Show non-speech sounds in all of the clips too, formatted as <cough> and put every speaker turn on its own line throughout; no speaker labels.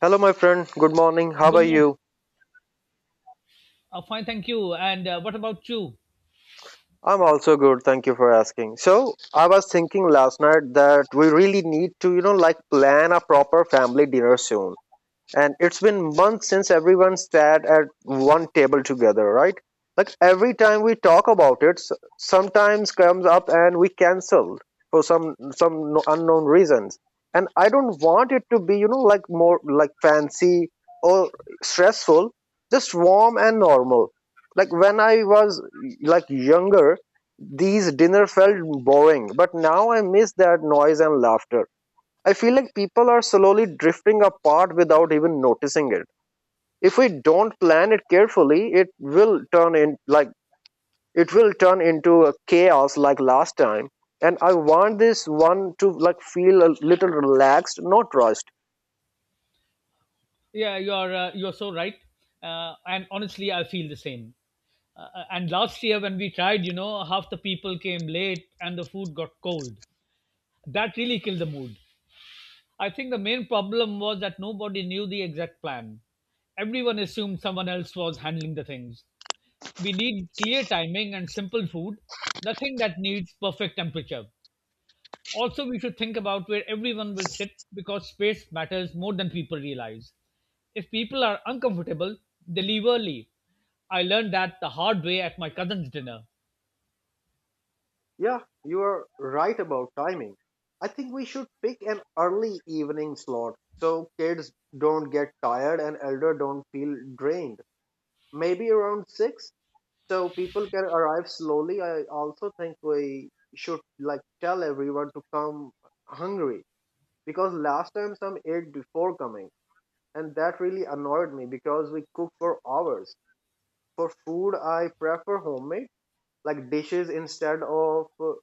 Hello, my friend. Good morning. How
Good
are
morning.
you?
Fine, thank you. And what about you?
I'm also good. Thank you for asking. So, I was thinking last night that we really need to, like plan a proper family dinner soon. And it's been months since everyone sat at one table together, right? Like, every time we talk about sometimes comes up and we cancel for some unknown reasons. And I don't want it to be like more like fancy or stressful, just warm and normal. Like when I was like younger, these dinner felt boring, but now I miss that noise and laughter. I feel like people are slowly drifting apart without even noticing it. If we don't plan it carefully, it will turn into a chaos like last time. And I want this one to like feel a little relaxed, not rushed.
Yeah, you're so right. And honestly, I feel the same. And last year when we tried, you know, half the people came late and the food got cold. That really killed the mood. I think the main problem was that nobody knew the exact plan. Everyone assumed someone else was handling the things. We need clear timing and simple food, nothing that needs perfect temperature. Also, we should think about where everyone will sit because space matters more than people realize. If people are uncomfortable, they leave early. I learned that the hard way at my cousin's dinner.
Yeah, you are right about timing. I think we should pick an early evening slot so kids don't get tired and elder don't feel drained. Maybe around 6, so people can arrive slowly. I also think we should like tell everyone to come hungry, because last time some ate before coming, and that really annoyed me because we cook for hours. For food, I prefer homemade like dishes instead of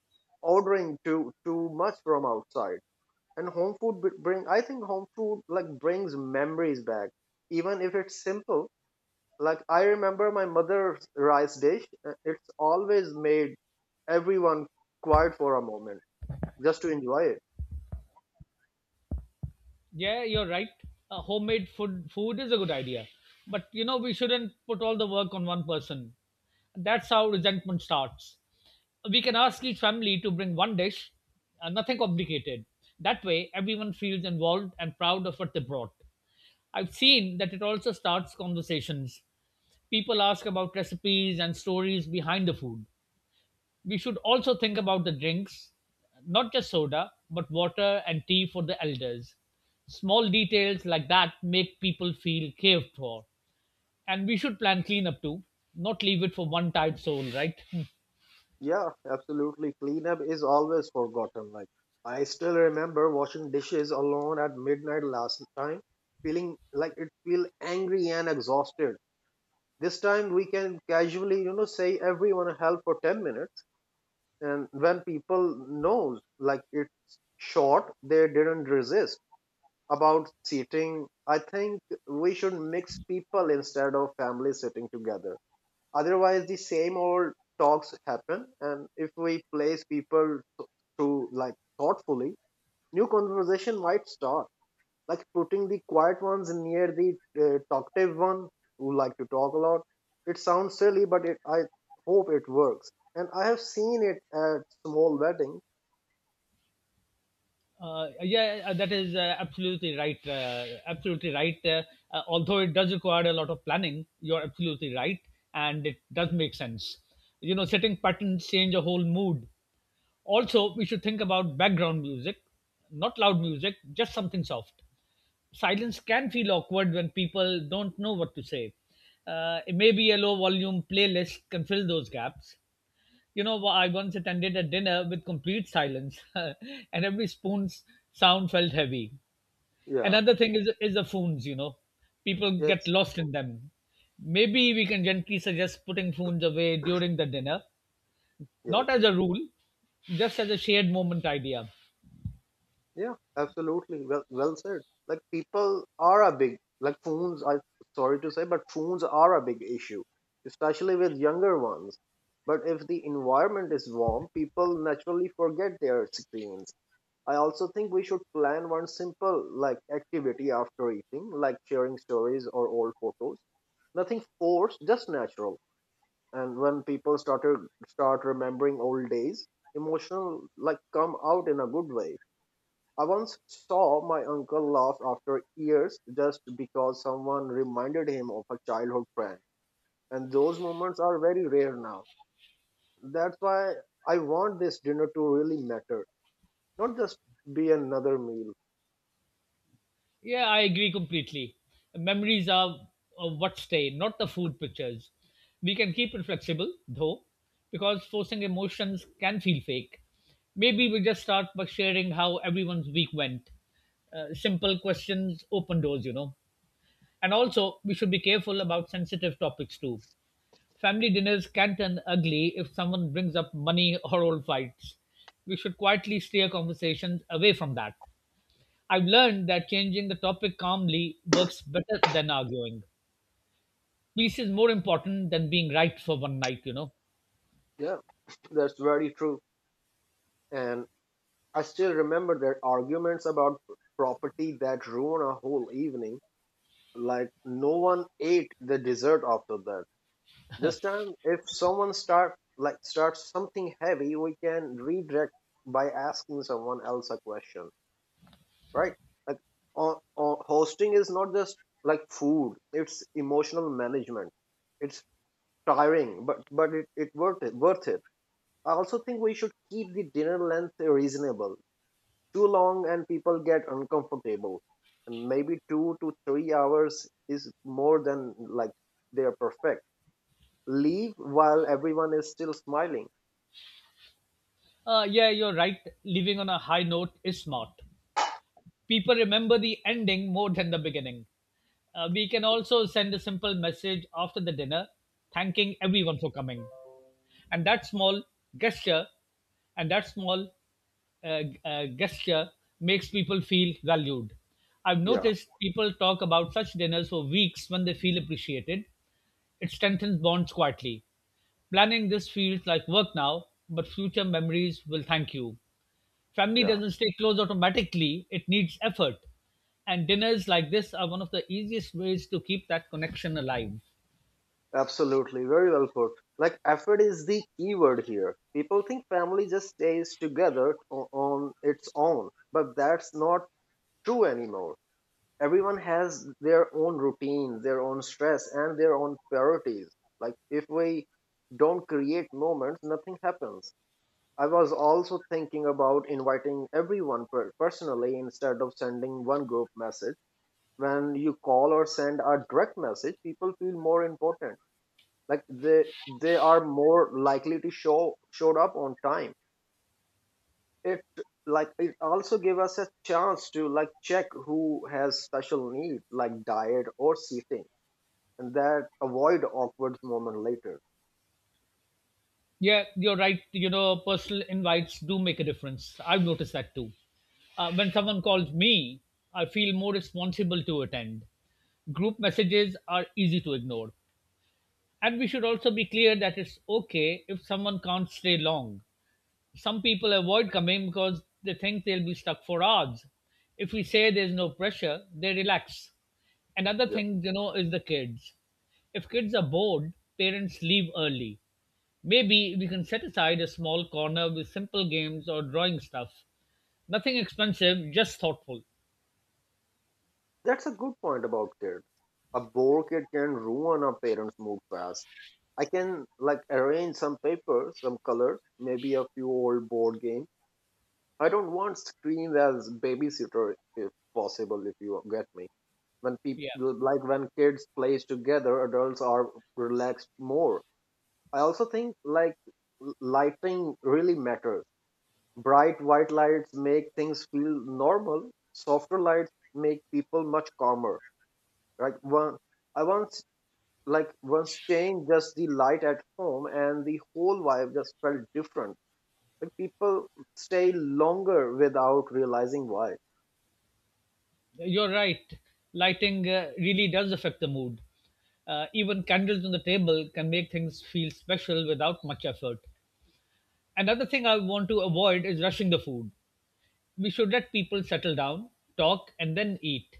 ordering too much from outside. And bring, I think home food like brings memories back, even if it's simple. Like, I remember my mother's rice dish. It's always made everyone quiet for a moment just to enjoy it.
Yeah, you're right. Homemade food is a good idea, but you know we shouldn't put all the work on one person. That's how resentment starts. We can ask each family to bring one dish, nothing complicated. That way, everyone feels involved and proud of what they brought. I've seen that it also starts conversations. People ask about recipes and stories behind the food. We should also think about the drinks, not just soda, but water and tea for the elders. Small details like that make people feel cared for. And we should plan cleanup too, not leave it for one tired soul, right? <laughs>
Yeah, absolutely. Cleanup is always forgotten. Like, I still remember washing dishes alone at midnight last time, feeling like it feel angry and exhausted. This time we can casually, you know, say everyone help for 10 minutes, and when people knows like it's short, they didn't resist. About seating, I think we should mix people instead of families sitting together. Otherwise, the same old talks happen. And if we place through like thoughtfully, new conversation might start. Like putting the quiet ones near the talkative one who like to talk a lot. It sounds silly, but it I hope it works. And I have seen it at small weddings.
Yeah, that is absolutely right. Absolutely right. Although it does require a lot of planning, you're absolutely right, and it does make sense. You know, setting patterns change a whole mood. Also, we should think about background music, not loud music, just something soft. Silence can feel awkward when people don't know what to say. Maybe a low volume playlist can fill those gaps. You know, I once attended a dinner with complete silence, <laughs> and every spoon's sound felt heavy.
Yeah.
Another thing is the phones, you know, people get
Yes.
lost in them. Maybe we can gently suggest putting phones away during the dinner,
Yes.
not as a rule, just as a shared moment idea.
Yeah, absolutely. Well, well said. Like, people are a big like phones. I sorry to say, but phones are a big issue, especially with younger ones. But if the environment is warm, people naturally forget their screens. I also think we should plan one simple like activity after eating, like sharing stories or old photos. Nothing forced, just natural. And when people start remembering old days, emotional like come out in a good way. I once saw my uncle laugh after years just because someone reminded him of a childhood friend, and those moments are very rare now. That's why I want this dinner to really matter, not just be another meal.
Yeah, I agree completely. Memories are what stay, not the food pictures. We can keep it flexible, though, because forcing emotions can feel fake. Maybe we just start by sharing how everyone's week went. Simple questions open doors, you know. And also, we should be careful about sensitive topics too. Family dinners can turn ugly if someone brings up money or old fights. We should quietly steer conversations away from that. I've learned that changing the topic calmly works better than arguing. Peace is more important than being right for one night, you know.
Yeah, <laughs> that's very true. And I still remember their arguments about property that ruin a whole evening. Like, no one ate the dessert after that. This time, if someone starts something heavy, we can redirect by asking someone else a question, right? Like, hosting is not just like food; it's emotional management. It's tiring, but it worth it. I also think we should keep the dinner length reasonable. Too long and people get uncomfortable, and maybe 2 to 3 hours is more than like they are perfect leave while everyone is still smiling.
Yeah, you're right. Living on a high note is smart. People remember the ending more than the beginning. We can also send a simple message after the dinner, thanking everyone for coming. and that small gesture and that small gesture makes people feel valued. I've
Yeah,
noticed people talk about such dinners for weeks when they feel appreciated. It strengthens bonds quietly. Planning this feels like work now, but future memories will thank you. Family
yeah,
doesn't stay close automatically, it needs effort. And dinners like this are one of the easiest ways to keep that connection alive.
absolutely. Very well put. Like, effort is the key word here. People think family just stays together on its own, but that's not true anymore. Everyone has their own routine, their own stress, and their own priorities. Like, if we don't create moments, nothing happens. I was also thinking about inviting everyone personally instead of sending one group message. When you call or send a direct message, people feel more important, like they are more likely to show showed up on time. It Like it also gave us a chance to like check who has special need like diet or seating, and that avoid awkward moment later.
Yeah, you're right. You know, personal invites do make a difference. I've noticed that too. When someone calls me, I feel more responsible to attend. Group messages are easy to ignore. And we should also be clear that it's okay if someone can't stay long. Some people avoid coming because they think they'll be stuck for hours. If we say there's no pressure, they relax. Another
Yeah,
thing, you know, is the kids. If kids are bored, parents leave early. Maybe we can set aside a small corner with simple games or drawing stuff. Nothing expensive, just thoughtful.
that's a good point about kids. A bored kid can ruin a parent's mood fast. I can like arrange some papers, some colors, maybe a few old board games. I don't want screens as babysitter if possible, if you get me. When people
Yeah,
Like when kids plays together, adults are relaxed more. I also think like lighting really matters. Bright white lights make things feel normal. Softer lights make people much calmer. Like one, I once like once changed just the light at home, and the whole vibe just felt different. Like people stay longer without realizing why.
you're right. Lighting really does affect the mood. Even candles on the table can make things feel special without much effort. Another thing I want to avoid is rushing the food. We should let people settle down, talk, and then eat.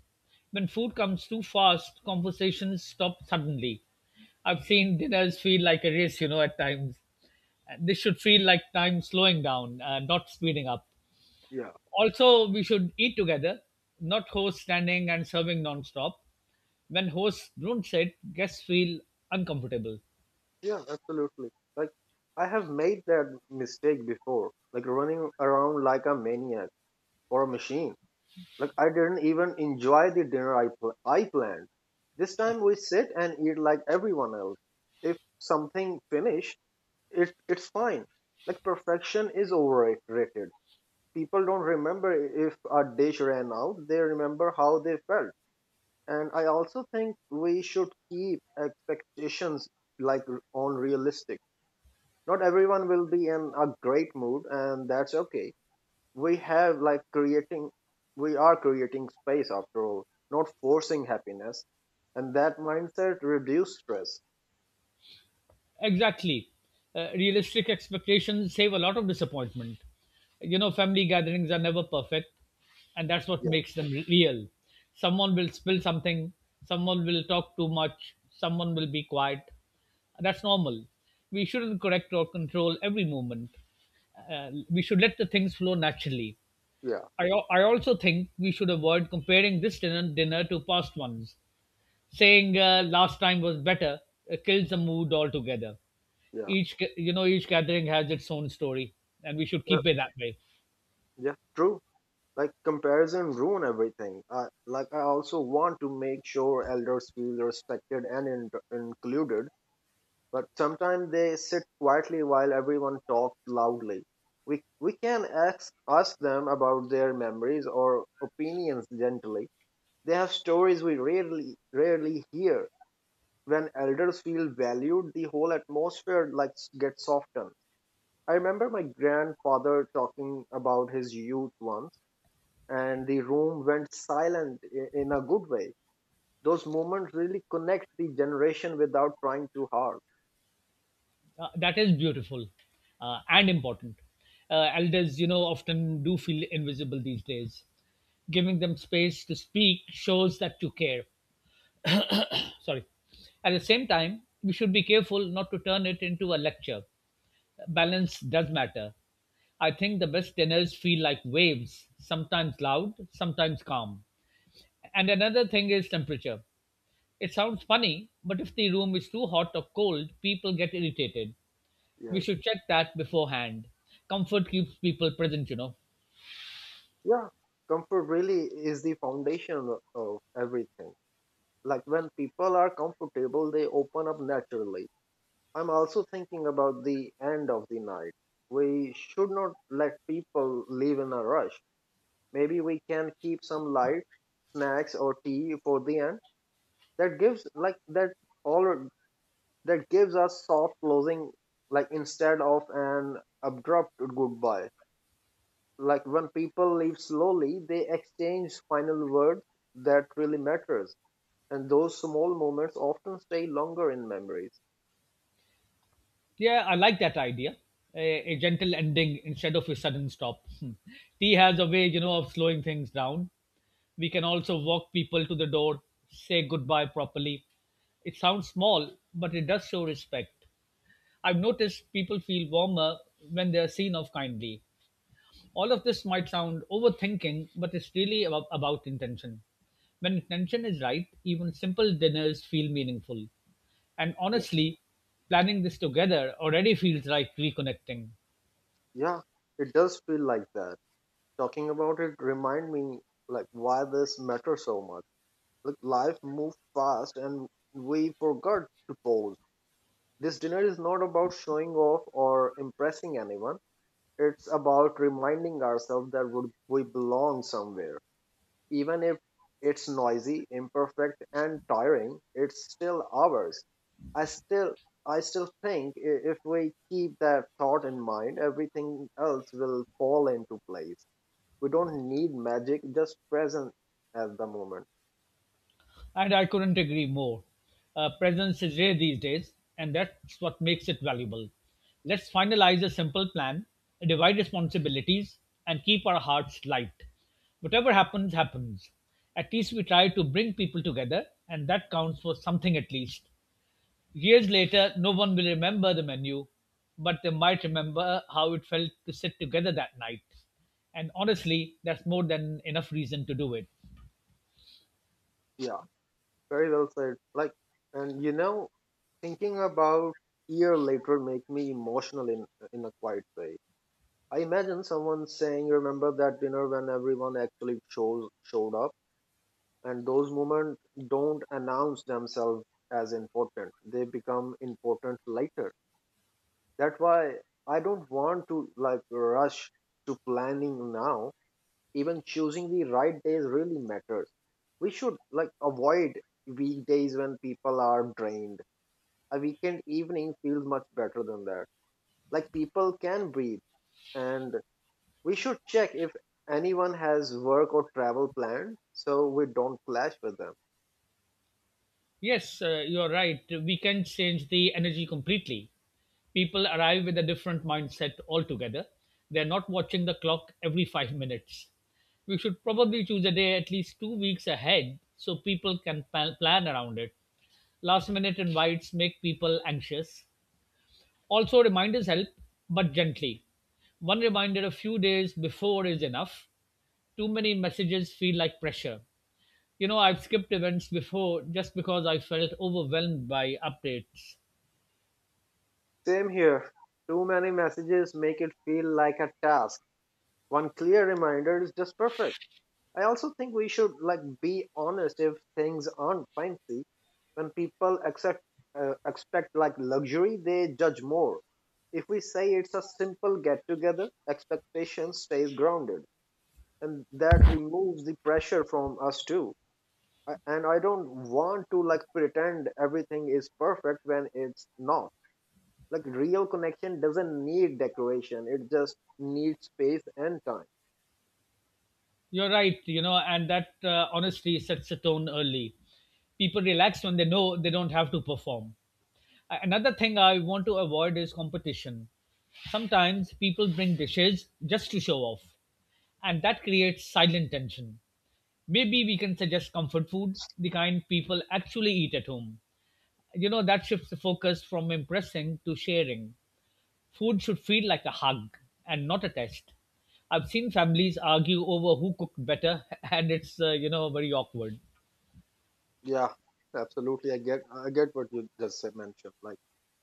When food comes too fast, conversations stop suddenly. I've seen dinners feel like a race, you know, at times. This should feel like time slowing down, not speeding up.
Yeah.
Also, we should eat together, not hosts standing and serving nonstop. When hosts don't sit, guests feel uncomfortable.
Yeah, absolutely. Like, I have made that mistake before, like running around like a maniac or a machine. Like I didn't even enjoy the dinner I planned. This time we sit and eat like everyone else. If something finished, it's fine. Like perfection is overrated. People don't remember if a dish ran out, they remember how they felt. And I also think we should keep expectations like on realistic. Not everyone will be in a great mood, and that's okay. we have like creating we are creating space after all, not forcing happiness, and that mindset reduce stress.
Exactly. Realistic expectations save a lot of disappointment. You know, family gatherings are never perfect, and that's what
yeah
makes them real. Someone will spill something, someone will talk too much, someone will be quiet. That's normal. We shouldn't correct or control every movement. We should let the things flow naturally.
yeah
I also think we should avoid comparing this dinner to past ones. Saying last time was better kills the mood altogether.
yeah
You know, each gathering has its own story, and we should
Uh,
keep it that way.
yeah, true. Like, comparison ruin everything. uh, like, I also want to make sure elders feel respected and included, but sometimes they sit quietly while everyone talks loudly. We can ask them about their memories or opinions gently. They have stories we rarely hear. When elders feel valued, the whole atmosphere like gets softened. I remember my grandfather talking about his youth once, and the room went silent in a good way. Those moments really connect the generation without trying too hard.
That is beautiful and important. Elders, you know, often do feel invisible these days. Giving them space to speak shows that you care. Sorry, at the same time we should be careful not to turn it into a lecture. Balance does matter. I think the best dinners feel like waves, sometimes loud, sometimes calm. And another thing is temperature. It sounds funny, but if the room is too hot or cold, people get irritated.
Yeah.
We should check that beforehand. Comfort keeps people present, you know.
Yeah, comfort really is the foundation of everything. Like when people are comfortable, they open up naturally. I'm also thinking about the end of the night. We should not let people leave in a rush. Maybe we can keep some light, snacks or tea for the end. That gives like that all that gives us soft closing like instead of an abrupt goodbye. Like when people leave slowly, they exchange final words. That really matters, and those small moments often stay longer in memories.
Yeah, I like that idea. a, a gentle ending instead of a sudden stop. <laughs> Tea has a way, you know, of slowing things down. We can also walk people to the door, say goodbye properly. It sounds small, but it does show respect. I've noticed people feel warmer when they are seen off kindly. All of this might sound overthinking, but it's really about intention. When intention is right, even simple dinners feel meaningful. And
Yes.
honestly, planning this together already feels like reconnecting.
Yeah, it does feel like that. Talking about it remind me like why this matters so much. Like, life moves fast and we forgot to pause. This dinner is not about showing off or impressing anyone. It's about reminding ourselves that we belong somewhere. Even if it's noisy, imperfect, and tiring, it's still ours. I still I still think if we keep that thought in mind, everything else will fall into place. We don't need magic, just present at the moment.
And I couldn't agree more. Presence is rare these days, and that's what makes it valuable. Let's finalize a simple plan, divide responsibilities, and keep our hearts light. Whatever happens, happens. At least we try to bring people together, and that counts for something at least. Years later, no one will remember the menu, but they might remember how it felt to sit together that night. And honestly, that's more than enough reason to do it.
Yeah, very well said. Like, and you know, thinking about year later make me emotional in a quiet way. I imagine someone saying, "Remember that dinner when everyone actually shows showed up." And those moments don't announce themselves as important, they become important later. That's why I don't want to like rush to planning now. Even choosing the right days really matters. We should like avoid weekdays when people are drained. A weekend evening feels much better than that. Like, people can breathe. And we should check if anyone has work or travel planned so we don't clash with them.
Yes, you're right. We can change the energy completely. People arrive with a different mindset altogether. They're not watching the clock every 5 minutes. We should probably choose a day at least 2 weeks ahead so people can plan around it. Last minute invites make people anxious. Also, reminders help, but gently. One reminder a few days before is enough. Too many messages feel like pressure. You know, I've skipped events before just because I felt overwhelmed by updates.
Same here. Too many messages make it feel like a task. One clear reminder is just perfect. I also think we should like be honest if things aren't fancy. When people accept expect like luxury, they judge more. If we say it's a simple get together, expectation stays grounded, and that removes the pressure from us too. And I don't want to like pretend everything is perfect when it's not. Like real connection doesn't need decoration. It just needs space and time.
You're right, you know, and that honestly sets the tone early. People relax when they know they don't have to perform. Another thing I want to avoid is competition. Sometimes people bring dishes just to show off, and that creates silent tension. Maybe we can suggest comfort food, the kind people actually eat at home. You know, that shifts the focus from impressing to sharing. Food should feel like a hug and not a test. I've seen families argue over who cooked better, <laughs> and it's you know, very awkward.
Yeah, absolutely. I get what you just mentioned. Like,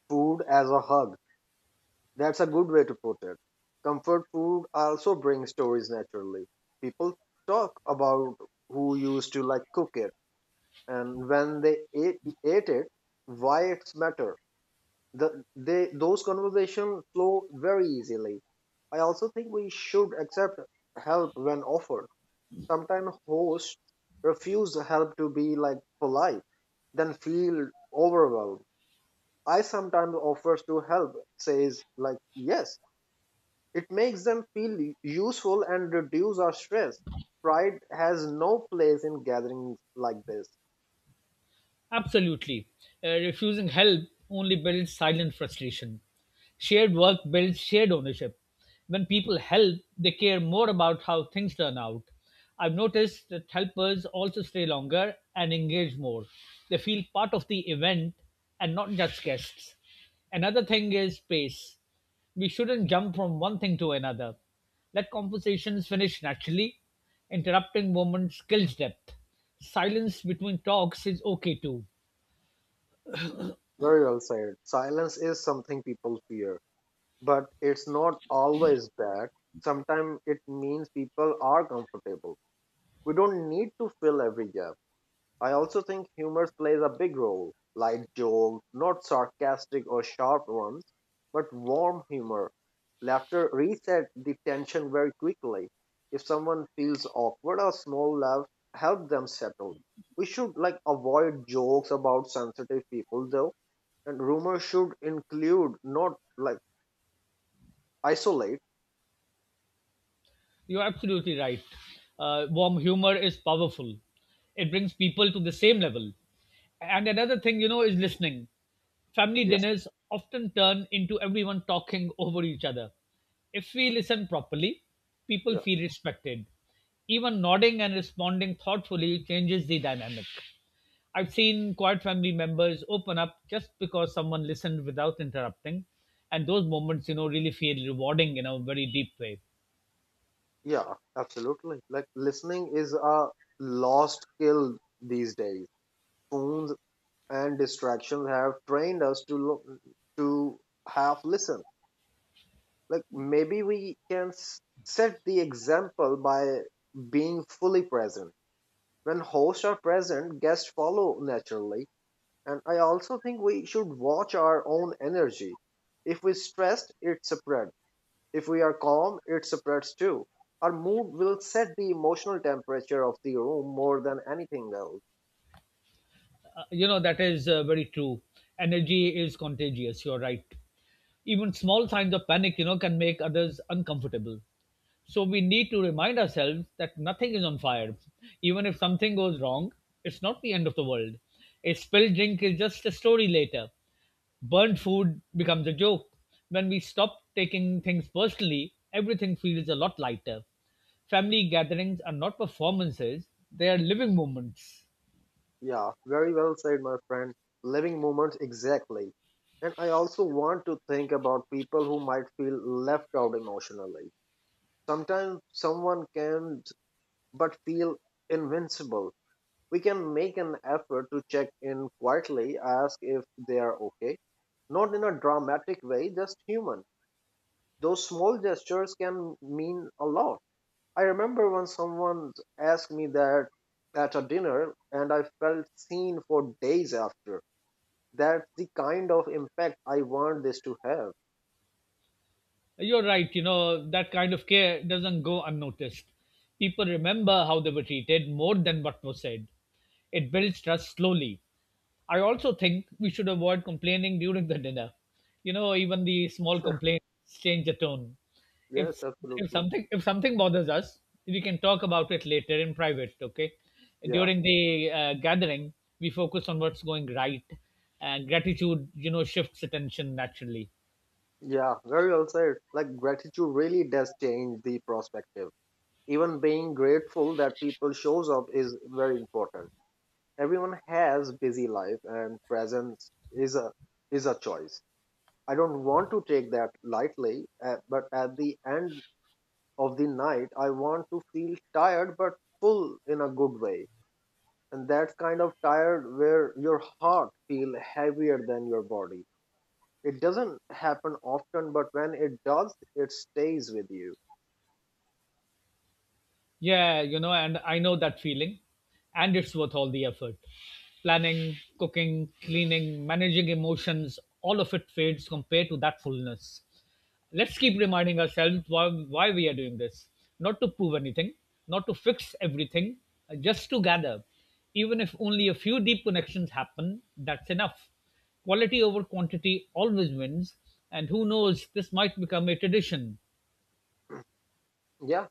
food as a hug. That's a good way to put it. Comfort food also brings stories naturally. People talk about who used to like cook it and when they ate it, why it's matter. The they Those conversations flow very easily. I also think we should accept help when offered. Sometimes hosts refuse the help to be like polite then feel overwhelmed. I sometimes offers to help, says like yes, it makes them feel useful and reduce our stress. Pride has no place in gatherings like this.
Absolutely. Refusing help only builds silent frustration. Shared work builds shared ownership. When people help, they care more about how things turn out. I've noticed that helpers also stay longer and engage more. They feel part of the event and not just guests. Another thing is pace. We shouldn't jump from one thing to another. Let conversations finish naturally. Interrupting moments kills depth. Silence between talks is okay too.
Very well said. Silence is something people fear, but it's not always bad. Sometimes it means people are comfortable, we don't need to fill every gap. I also think humor plays a big role. Light jokes, not sarcastic or sharp ones, but warm humor. Laughter resets the tension very quickly. If someone feels awkward, a small laugh helps them settle. We should, like, avoid jokes about sensitive people though, and humor should include, not, like, isolate.
You're absolutely right. Warm humor is powerful. It brings people to the same level. And another thing, you know, is listening. Family
Yeah,
dinners often turn into everyone talking over each other. If we listen properly, people
yeah,
feel respected. Even nodding and responding thoughtfully changes the dynamic. I've seen quiet family members open up just because someone listened without interrupting, and those moments, you know, really feel rewarding in a very deep way.
yeah, absolutely. Like listening is a lost skill these days. Phones and distractions have trained us to look to have listen, like maybe we can set the example by being fully present. When hosts are present, guests follow naturally. And I also think we should watch our own energy. If we are stressed, it spreads. If we are calm, it spreads too. Our mood will set the emotional temperature of the room more than anything else.
You know, that is very true. Energy is contagious. You're right. Even small signs of panic, you know, can make others uncomfortable. So we need to remind ourselves that nothing is on fire. Even if something goes wrong, it's not the end of the world. A spilled drink is just a story later. Burnt food becomes a joke. When we stop taking things personally, everything feels a lot lighter. Family gatherings are not performances, they are living moments.
Yeah, very well said, my friend. Living moments, exactly. And I also want to think about people who might feel left out emotionally. Sometimes someone can but feel invincible. We can make an effort to check in quietly, ask if they are okay. Not in a dramatic way, just human. Those small gestures can mean a lot. I remember when someone asked me that at a dinner and I felt seen for days after. That's the kind of impact I want this to have.
You're right, you know, that kind of care doesn't go unnoticed. People remember how they were treated more than what was said. It builds trust slowly. I also think we should avoid complaining during the dinner. You know, even the small complaints change the tone.
Yes,
If if
absolutely.
something if something bothers us, we can talk about it later in private. Okay,
Yeah.
during the gathering, we focus on what's going right, and gratitude, you know, shifts attention naturally.
Yeah, very well said. Like gratitude really does change the perspective. Even being grateful that people shows up is very important. Everyone has busy life and presence is a choice. I don't want to take that lightly, but at the end of the night I want to feel tired but full in a good way. And that's kind of tired where your heart feel heavier than your body. It doesn't happen often, but when it does it stays with you.
Yeah, you know, and I know that feeling, and it's worth all the effort. Planning, cooking, cleaning, managing emotions, all of it fades compared to that fullness. Let's keep reminding ourselves why we are doing this. Not to prove anything, not to fix everything, just to gather. Even if only a few deep connections happen, that's enough. Quality over quantity always wins, and who knows, this might become a tradition.
Yeah,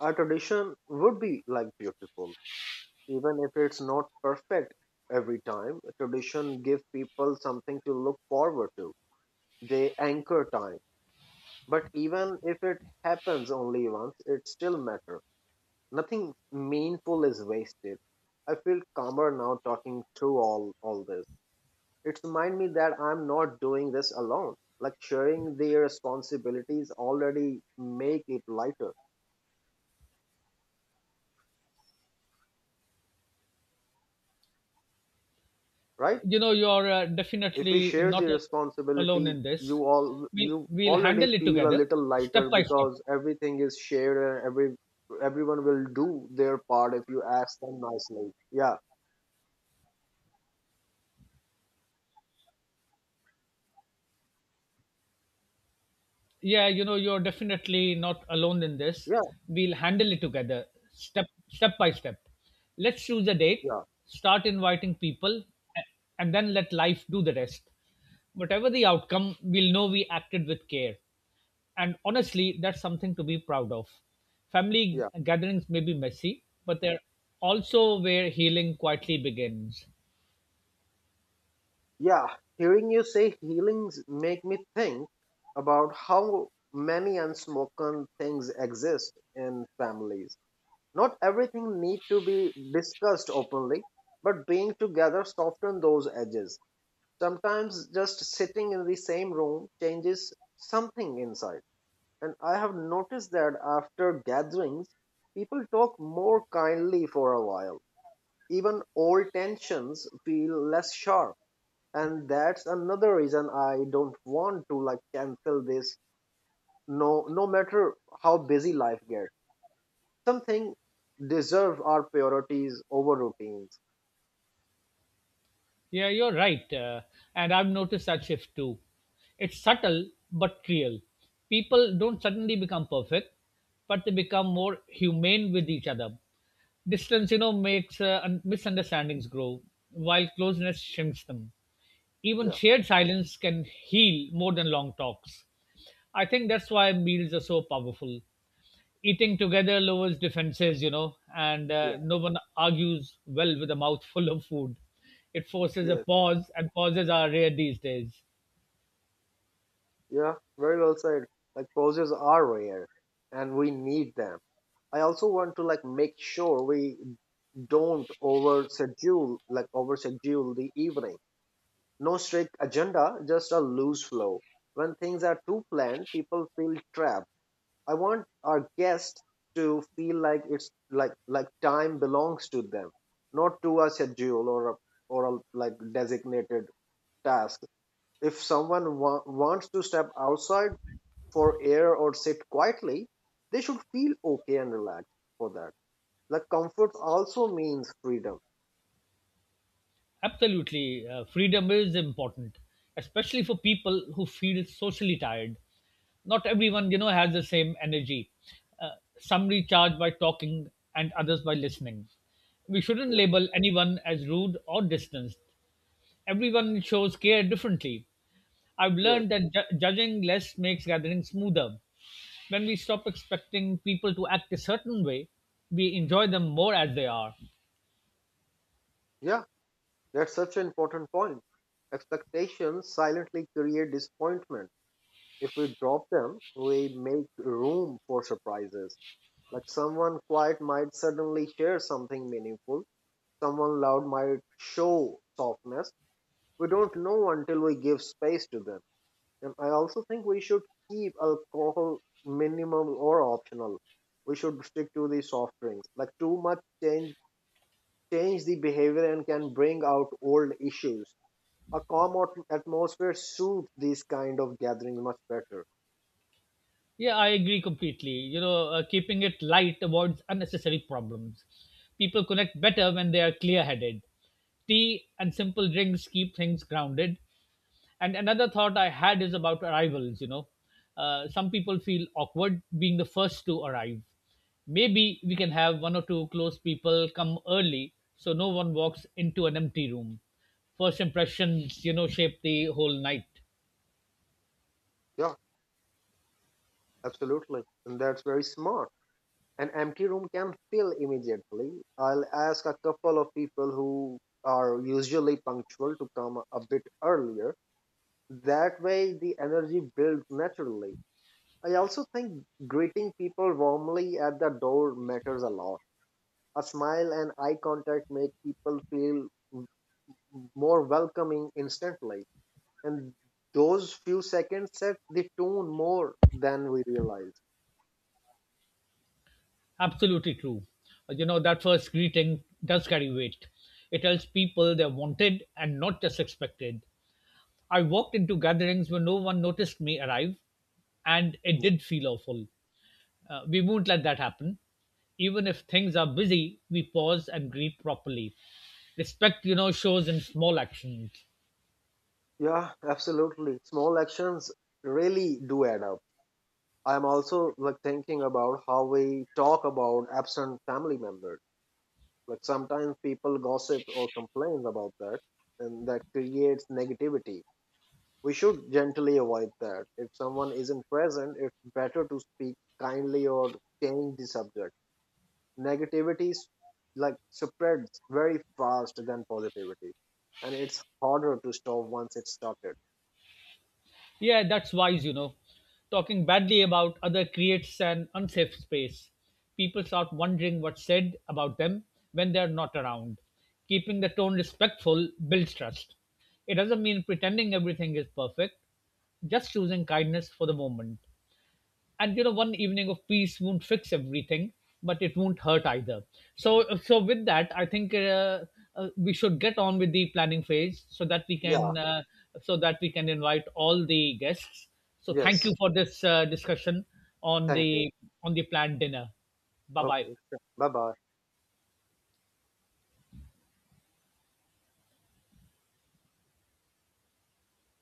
a tradition would be, like, beautiful, even if it's not perfect. Every time, tradition give people something to look forward to. They anchor time, but even if it happens only once, it still matter. Nothing meaningful is wasted. I feel calmer now talking through all this. It reminds me that I'm not doing this alone. Like sharing the responsibilities already make it lighter, right?
You know, you're
If we
definitely
share
not
the
alone
responsibility,
in this.
you all
we
you
we'll
already
handle it
feel a
together,
little
step
lighter
by step.
because everything is shared and every everyone will do their part if you ask them nicely. Yeah,
Yeah, you know, you're definitely not alone in this.
yeah,
We'll handle it together, step by step. Let's choose a date,
yeah,
start inviting people, a- and then let life do the rest. Whatever the outcome, we'll know we acted with care. And honestly, that's something to be proud of. Family
yeah,
gatherings may be messy, but they're also where healing quietly begins.
yeah. Hearing you say healings make me think about how many unspoken things exist in families. Not everything need to be discussed openly, but being together soften those edges. Sometimes just sitting in the same room changes something inside. And I have noticed that after gatherings, people talk more kindly for a while. Even old tensions feel less sharp. And that's another reason I don't want to, like, cancel this. No matter how busy life gets, something deserve our priorities over routines.
Yeah, you're right. And I've noticed that shift too. It's subtle but real. People don't suddenly become perfect, but they become more humane with each other. Distance, you know, makes misunderstandings grow, while closeness shrinks them. Even
Yeah,
shared silence can heal more than long talks. I think that's why meals are so powerful. Eating together lowers defenses, you know, and
yeah,
no one argues well with a mouth full of food. It forces a
yes,
pause, and pauses are rare these days.
yeah, very well said. Like pauses are rare and we need them. I also want to, like, make sure we don't over schedule, like over schedule the evening. No strict agenda, just a loose flow. When things are too planned, people feel trapped. I want our guests to feel like it's, like, time belongs to them, not to a schedule or a like designated task. If someone wants to step outside for air or sit quietly, they should feel okay and relaxed for that. Like comfort also means freedom.
Absolutely. Freedom is important, especially for people who feel socially tired. Not everyone, you know, has the same energy. Uh, some recharge by talking, and others by listening. We shouldn't
Yeah.
label anyone as rude or distant. Everyone shows care differently. I've
Yes.
learned that judging less makes gatherings smoother. When we stop expecting people to act a certain way, we enjoy them more as they are.
Yeah. That's such an important point. Expectations silently create disappointment. If we drop them, we make room for surprises. Like someone quiet might suddenly share something meaningful, someone loud might show softness. We don't know until we give space to them. And I also think we should keep alcohol minimal or optional. We should stick to the soft drinks. Like too much change the behavior and can bring out old issues. A calm atmosphere suits these kind of gatherings much better.
Yeah, I agree completely. You know, keeping it light avoids unnecessary problems. People connect better when they are clear headed. Tea and simple drinks keep things grounded. And another thought I had is about arrivals. You know, some people feel awkward being the first to arrive. Maybe we can have one or two close people come early so no one walks into an empty room. First impressions, you know, shape the whole night.
Yeah, absolutely. And that's very smart. An empty room can fill immediately. I'll ask a couple of people who are usually punctual to come a bit earlier. That way, the energy builds naturally. I also think greeting people warmly at the door matters a lot. A smile and eye contact make people feel more welcoming instantly, and those few seconds set the tone more than we realize.
Absolutely true. You know, that first greeting does carry weight. It tells people they're wanted and not just expected. I walked into gatherings where no one noticed me arrive, and it did feel awful. We won't let that happen. Even if things are busy, we pause and greet properly. Respect, you know, shows in small actions.
Yeah, absolutely. Small actions really do add up. I'm also, like, thinking about how we talk about absent family members. Like sometimes people gossip or complain about that, and that creates negativity. We should gently avoid that. If someone isn't present, it's better to speak kindly or change the subject. Negativity like spreads very fast than positivity, and it's harder to stop once it's started.
Yeah, that's wise, you know. Talking badly about other creates an unsafe space. People start wondering what's said about them when they're not around. Keeping the tone respectful builds trust. It doesn't mean pretending everything is perfect, just choosing kindness for the moment. And you know, one evening of peace won't fix everything, but it won't hurt either. So with that, I think we should get on with the planning phase so that we
Yeah.
can so that we can invite all the guests. So thank you
Yes.
for this discussion on
Thank you.
the on the planned dinner. Bye bye.
Okay. Bye bye.